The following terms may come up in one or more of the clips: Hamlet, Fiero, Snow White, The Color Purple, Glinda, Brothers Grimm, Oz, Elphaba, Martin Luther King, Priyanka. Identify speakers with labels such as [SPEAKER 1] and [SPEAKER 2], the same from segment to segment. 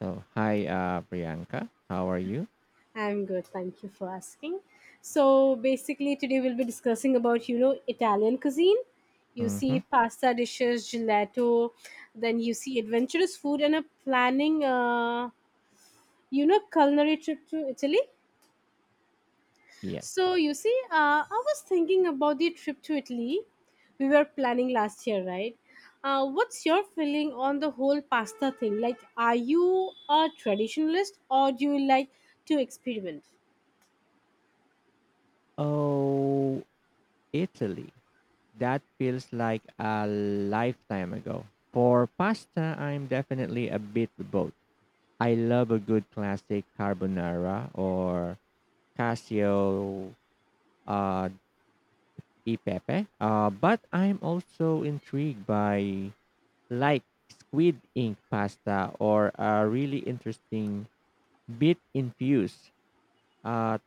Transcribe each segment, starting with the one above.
[SPEAKER 1] So, hi, Priyanka. How are you?
[SPEAKER 2] I'm good. Thank you for asking. So basically, today we'll be discussing about Italian cuisine. You
[SPEAKER 1] Mm-hmm.
[SPEAKER 2] see pasta dishes, gelato, then you see adventurous food and a planning. Culinary trip to Italy.
[SPEAKER 1] Yes.
[SPEAKER 2] So you see, I was thinking about the trip to Italy. We were planning last year, right? What's your feeling on the whole pasta thing? Like, are you a traditionalist or do you like to experiment?
[SPEAKER 1] Oh, Italy. That feels like a lifetime ago. For pasta, I'm definitely a bit both. I love a good classic carbonara or casio uh, e pepe, but I'm also intrigued by like squid ink pasta or a really interesting bit infused uh,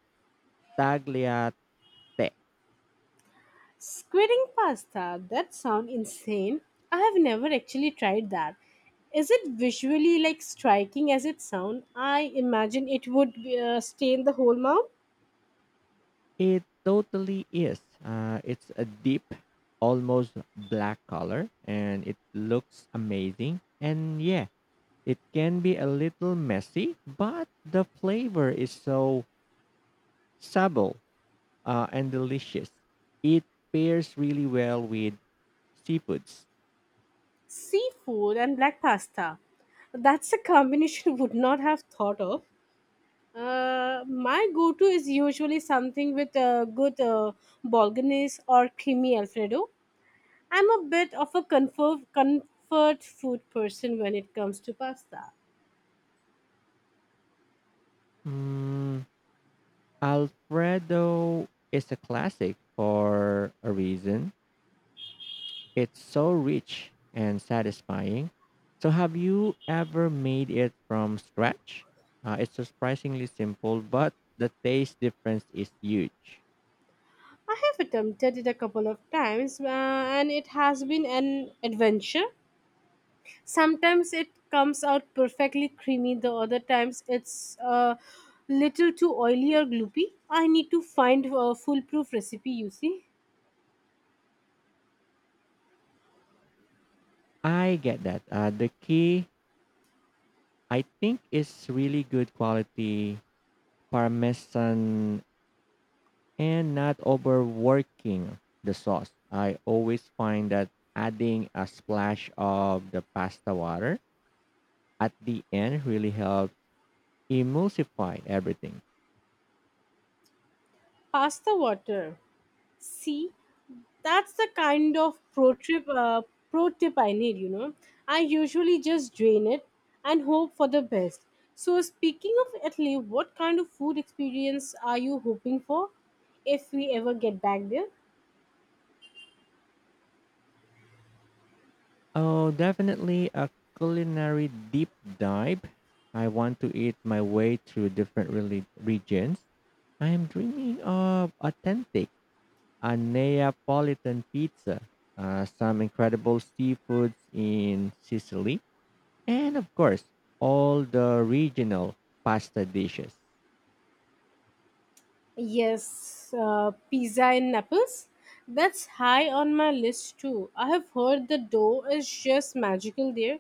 [SPEAKER 1] tagliatelle.
[SPEAKER 2] Squidding pasta, that sounds insane. I have never actually tried that. Is it visually like striking as it sounds? I imagine it would stain the whole mouth.
[SPEAKER 1] It totally is. It's a deep, almost black color, and it looks amazing. And yeah, it can be a little messy, but the flavor is so subtle and delicious. It pairs really well with seafoods.
[SPEAKER 2] Seafood and black pasta. That's a combination I would not have thought of. My go-to is usually something with a good bolognese or creamy alfredo. I'm a bit of a comfort food person when it comes to pasta.
[SPEAKER 1] Mm, Alfredo is a classic for a reason. It's so rich and satisfying. So, have you ever made it from scratch? It's surprisingly simple, but the taste difference is huge.
[SPEAKER 2] I have attempted it a couple of times, and it has been an adventure. Sometimes it comes out perfectly creamy, the other times it's a little too oily or gloopy. I need to find a foolproof recipe, you see.
[SPEAKER 1] I get that. The key, I think, is really good quality parmesan and not overworking the sauce. I always find that adding a splash of the pasta water at the end really helps emulsify everything.
[SPEAKER 2] Pasta water. See, that's the kind of pro tip I need. I usually just drain it and hope for the best. So speaking of Italy, what kind of food experience are you hoping for if we ever get back there?
[SPEAKER 1] Oh, definitely a culinary deep dive. I want to eat my way through regions. I am dreaming of authentic a Neapolitan pizza, some incredible seafoods in Sicily, and of course, all the regional pasta dishes.
[SPEAKER 2] Yes, pizza in Naples, that's high on my list too. I have heard the dough is just magical there,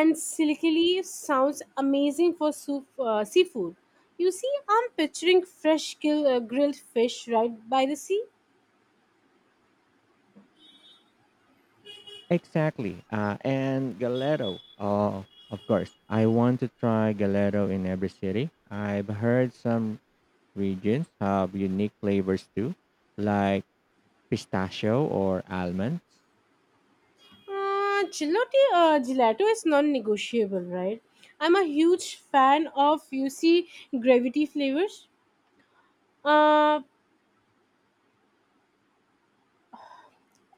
[SPEAKER 2] and silkily sounds amazing for soup, seafood. You see, I'm picturing grilled fish right by the sea.
[SPEAKER 1] Exactly. And Galero. Oh, of course. I want to try Galero in every city. I've heard some regions have unique flavors too, like pistachio or almonds.
[SPEAKER 2] Gelato is non-negotiable, right? I'm a huge fan of gravity flavors. Uh,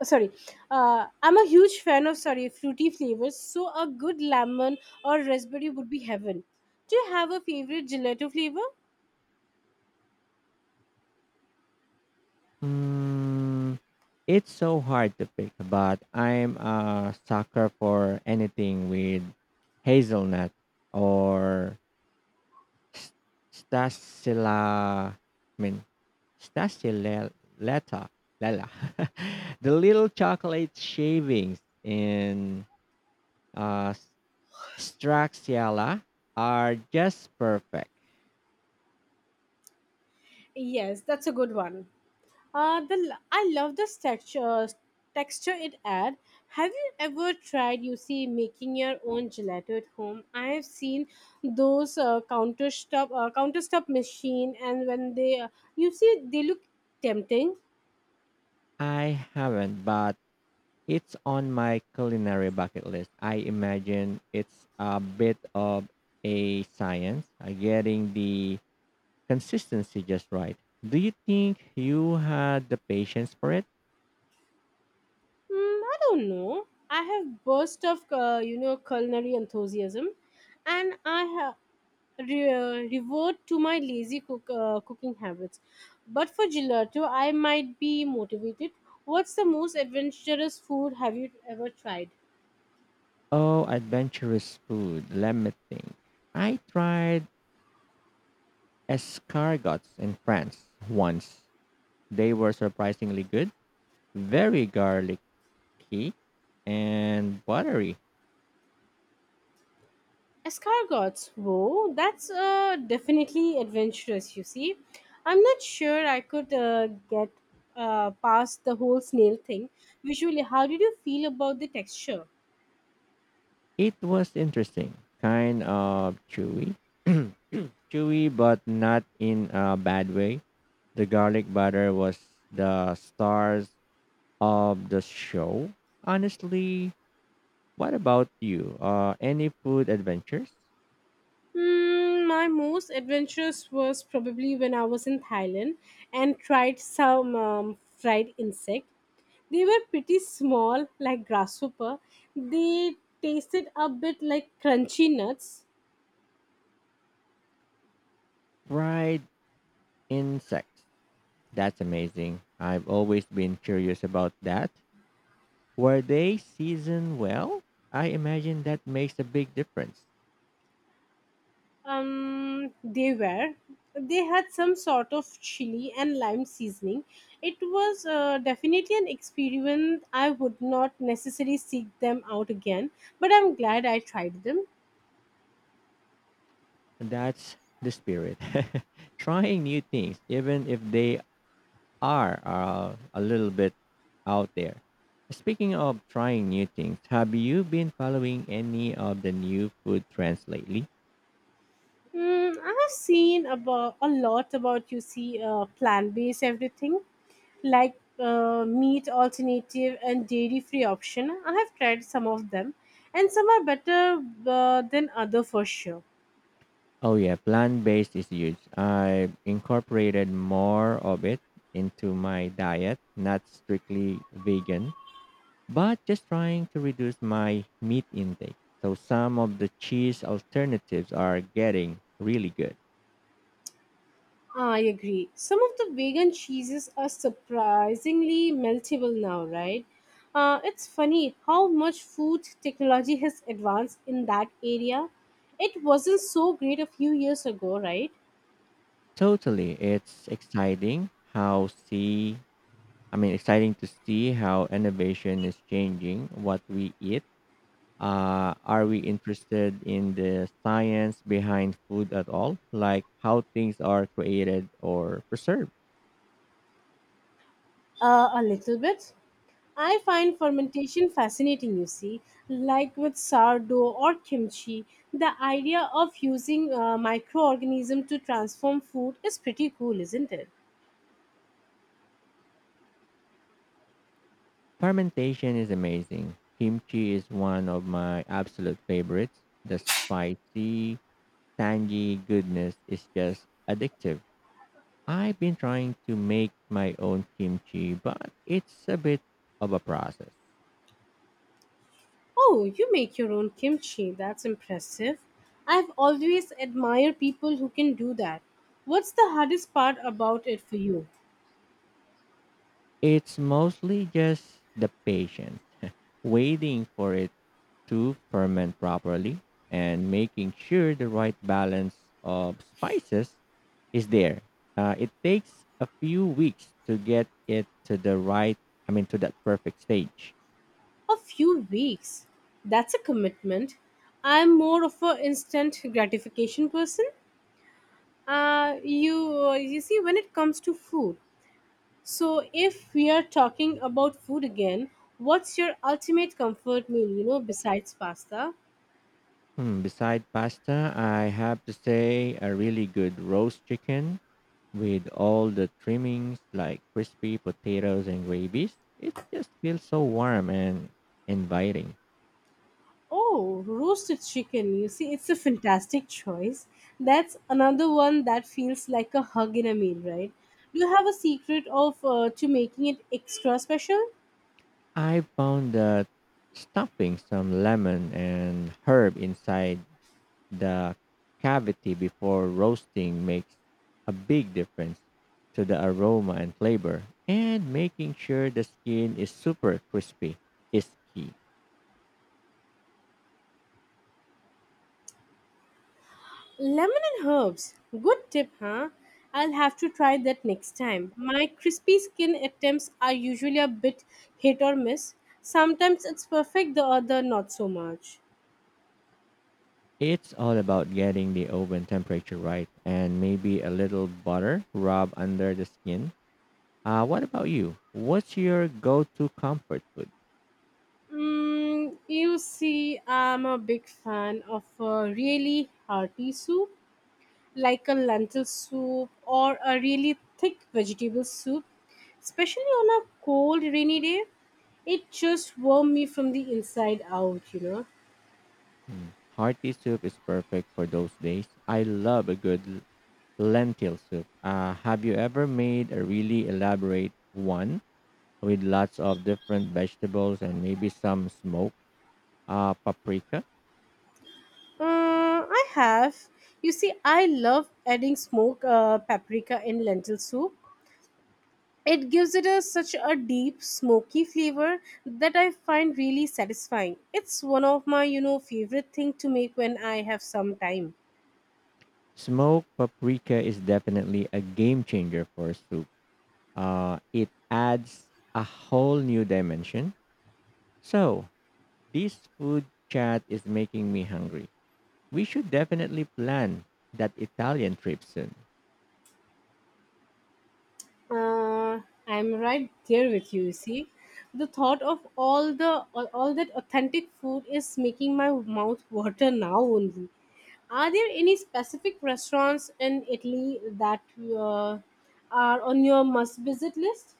[SPEAKER 2] sorry, I'm a huge fan of sorry fruity flavors. So a good lemon or raspberry would be heaven. Do you have a favorite gelato flavor?
[SPEAKER 1] Mm, it's so hard to pick, but I'm a sucker for anything with hazelnut or s- stasila. I mean, stasileta. Lala. the little chocolate shavings in uh, Straxiala are just perfect.
[SPEAKER 2] Yes, that's a good one. I love the texture it add. Have you ever tried making your own gelato at home? I have seen those counter stop machine and when they you see they look tempting.
[SPEAKER 1] I haven't, but it's on my culinary bucket list. I imagine it's a bit of a science, getting the consistency just right. Do you think you had the patience for it?
[SPEAKER 2] Mm, I don't know. I have burst of culinary enthusiasm, and I have revert to my lazy cook cooking habits. But for gelato, I might be motivated. What's the most adventurous food have you ever tried?
[SPEAKER 1] Oh, adventurous food. Let me think. I tried escargots in France once. They were surprisingly good, very garlicky and buttery.
[SPEAKER 2] Escargots. Whoa, that's definitely adventurous. You see, I'm not sure I could get past the whole snail thing. Visually, how did you feel about the texture?
[SPEAKER 1] It was interesting, kind of chewy, chewy, but not in a bad way. The garlic butter was the stars of the show. Honestly, what about you? Any food adventures?
[SPEAKER 2] Hmm, my most adventurous was probably when I was in Thailand and tried some fried insect. They were pretty small, like grasshopper. They tasted a bit like crunchy nuts.
[SPEAKER 1] Fried insects. That's amazing. I've always been curious about that. Were they seasoned well? I imagine that makes a big difference.
[SPEAKER 2] They were. They had some sort of chili and lime seasoning. It was definitely an experiment. I would not necessarily seek them out again, but I'm glad I tried them.
[SPEAKER 1] That's the spirit. Trying new things, even if they are a little bit out there. Speaking of trying new things, have you been following any of the new food trends lately?
[SPEAKER 2] Mm, I have seen about a lot about plant based everything, like meat alternative and dairy free option. I have tried some of them and some are better than other for sure.
[SPEAKER 1] Oh, yeah, plant based is huge. I incorporated more of it into my diet, not strictly vegan, but just trying to reduce my meat intake. So, some of the cheese alternatives are getting really good.
[SPEAKER 2] I agree. Some of the vegan cheeses are surprisingly meltable now, right? It's funny how much food technology has advanced in that area. It wasn't so great a few years ago, right?
[SPEAKER 1] Totally. It's exciting how see I mean exciting to see how innovation is changing what we eat. Are we interested in the science behind food at all? Like how things are created or preserved?
[SPEAKER 2] A little bit. I find fermentation fascinating, you see, like with sourdough or kimchi. The idea of using microorganism to transform food is pretty cool, isn't it?
[SPEAKER 1] Fermentation is amazing. Kimchi is one of my absolute favorites. The spicy, tangy goodness is just addictive. I've been trying to make my own kimchi, but it's a bit of a process.
[SPEAKER 2] Oh, you make your own kimchi. That's impressive. I've always admired people who can do that. What's the hardest part about it for you?
[SPEAKER 1] It's mostly just the patience, waiting for it to ferment properly and making sure the right balance of spices is there. It takes a few weeks to get it to the right, I mean, to that perfect stage.
[SPEAKER 2] A few weeks. That's a commitment. I'm more of a instant gratification person. When it comes to food, so, if we are talking about food again, what's your ultimate comfort meal, besides pasta?
[SPEAKER 1] Hmm, beside pasta, I have to say a really good roast chicken with all the trimmings like crispy potatoes and gravies. It just feels so warm and inviting.
[SPEAKER 2] Oh, roasted chicken. You see, it's a fantastic choice. That's another one that feels like a hug in a meal, right? Do you have a secret of to making it extra special?
[SPEAKER 1] I found that stuffing some lemon and herb inside the cavity before roasting makes a big difference to the aroma and flavor. And making sure the skin is super crispy is key.
[SPEAKER 2] Lemon and herbs. Good tip, huh? I'll have to try that next time. My crispy skin attempts are usually a bit hit or miss. Sometimes it's perfect, the other not so much.
[SPEAKER 1] It's all about getting the oven temperature right and maybe a little butter rub under the skin. What about you? What's your go to comfort food?
[SPEAKER 2] Mm, you see, I'm a big fan of a really hearty soup, like a lentil soup or a really thick vegetable soup, especially on a cold, rainy day. It just warms me from the inside out,
[SPEAKER 1] Mm. Hearty soup is perfect for those days. I love a good lentil soup. Have you ever made a really elaborate one with lots of different vegetables and maybe some smoked paprika?
[SPEAKER 2] I have. You see, I love adding smoked paprika in lentil soup. It gives it a, such a deep smoky flavor that I find really satisfying. It's one of my, favorite thing to make when I have some time.
[SPEAKER 1] Smoked paprika is definitely a game changer for soup. It adds a whole new dimension. So, this food chat is making me hungry. We should definitely plan that Italian trip soon.
[SPEAKER 2] Uh, I'm right there with you. You see, the thought of all that authentic food is making my mouth water now only. Are there any specific restaurants in Italy that are on your must visit list?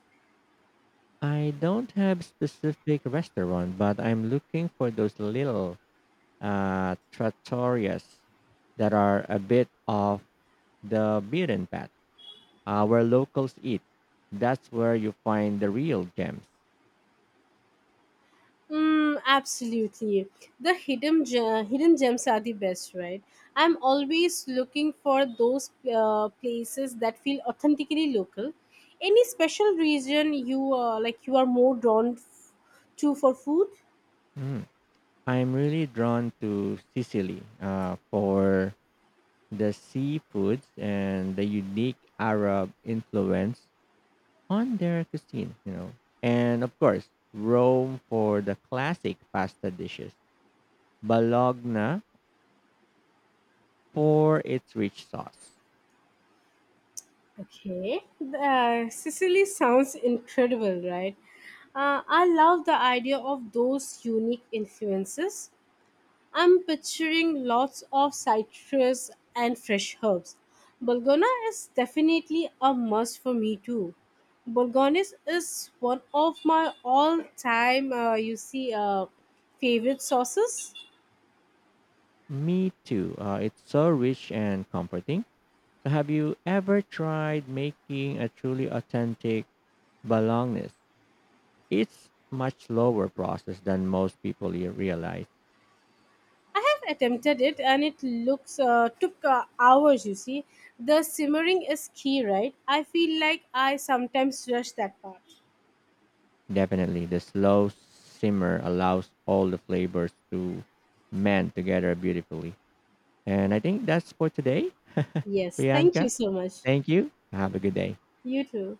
[SPEAKER 1] I don't have specific restaurant, but I'm looking for those little trattorias that are a bit off the beaten path, where locals eat. That's where you find the real gems.
[SPEAKER 2] Mm, absolutely. The hidden gems are the best, right? I'm always looking for those places that feel authentically local. Any special region you like you are more drawn to for food?
[SPEAKER 1] Mm. I'm really drawn to Sicily for the seafoods and the unique Arab influence on their cuisine, you know. And of course, Rome for the classic pasta dishes, Bologna for its rich sauce.
[SPEAKER 2] Okay. Sicily sounds incredible, right? I love the idea of those unique influences. I'm picturing lots of citrus and fresh herbs. Bulgona is definitely a must for me too. Bulgonis is one of my all-time, favorite sauces.
[SPEAKER 1] Me too. It's so rich and comforting. So, have you ever tried making a truly authentic Bolognese? It's much slower process than most people realize.
[SPEAKER 2] I have attempted it, and it looks took hours. You see, the simmering is key, right? I feel like I sometimes rush that part.
[SPEAKER 1] Definitely, the slow simmer allows all the flavors to mend together beautifully. And I think that's for today.
[SPEAKER 2] Yes, thank you
[SPEAKER 1] Priyanka,
[SPEAKER 2] so much.
[SPEAKER 1] thank you. Have a good day.
[SPEAKER 2] You too.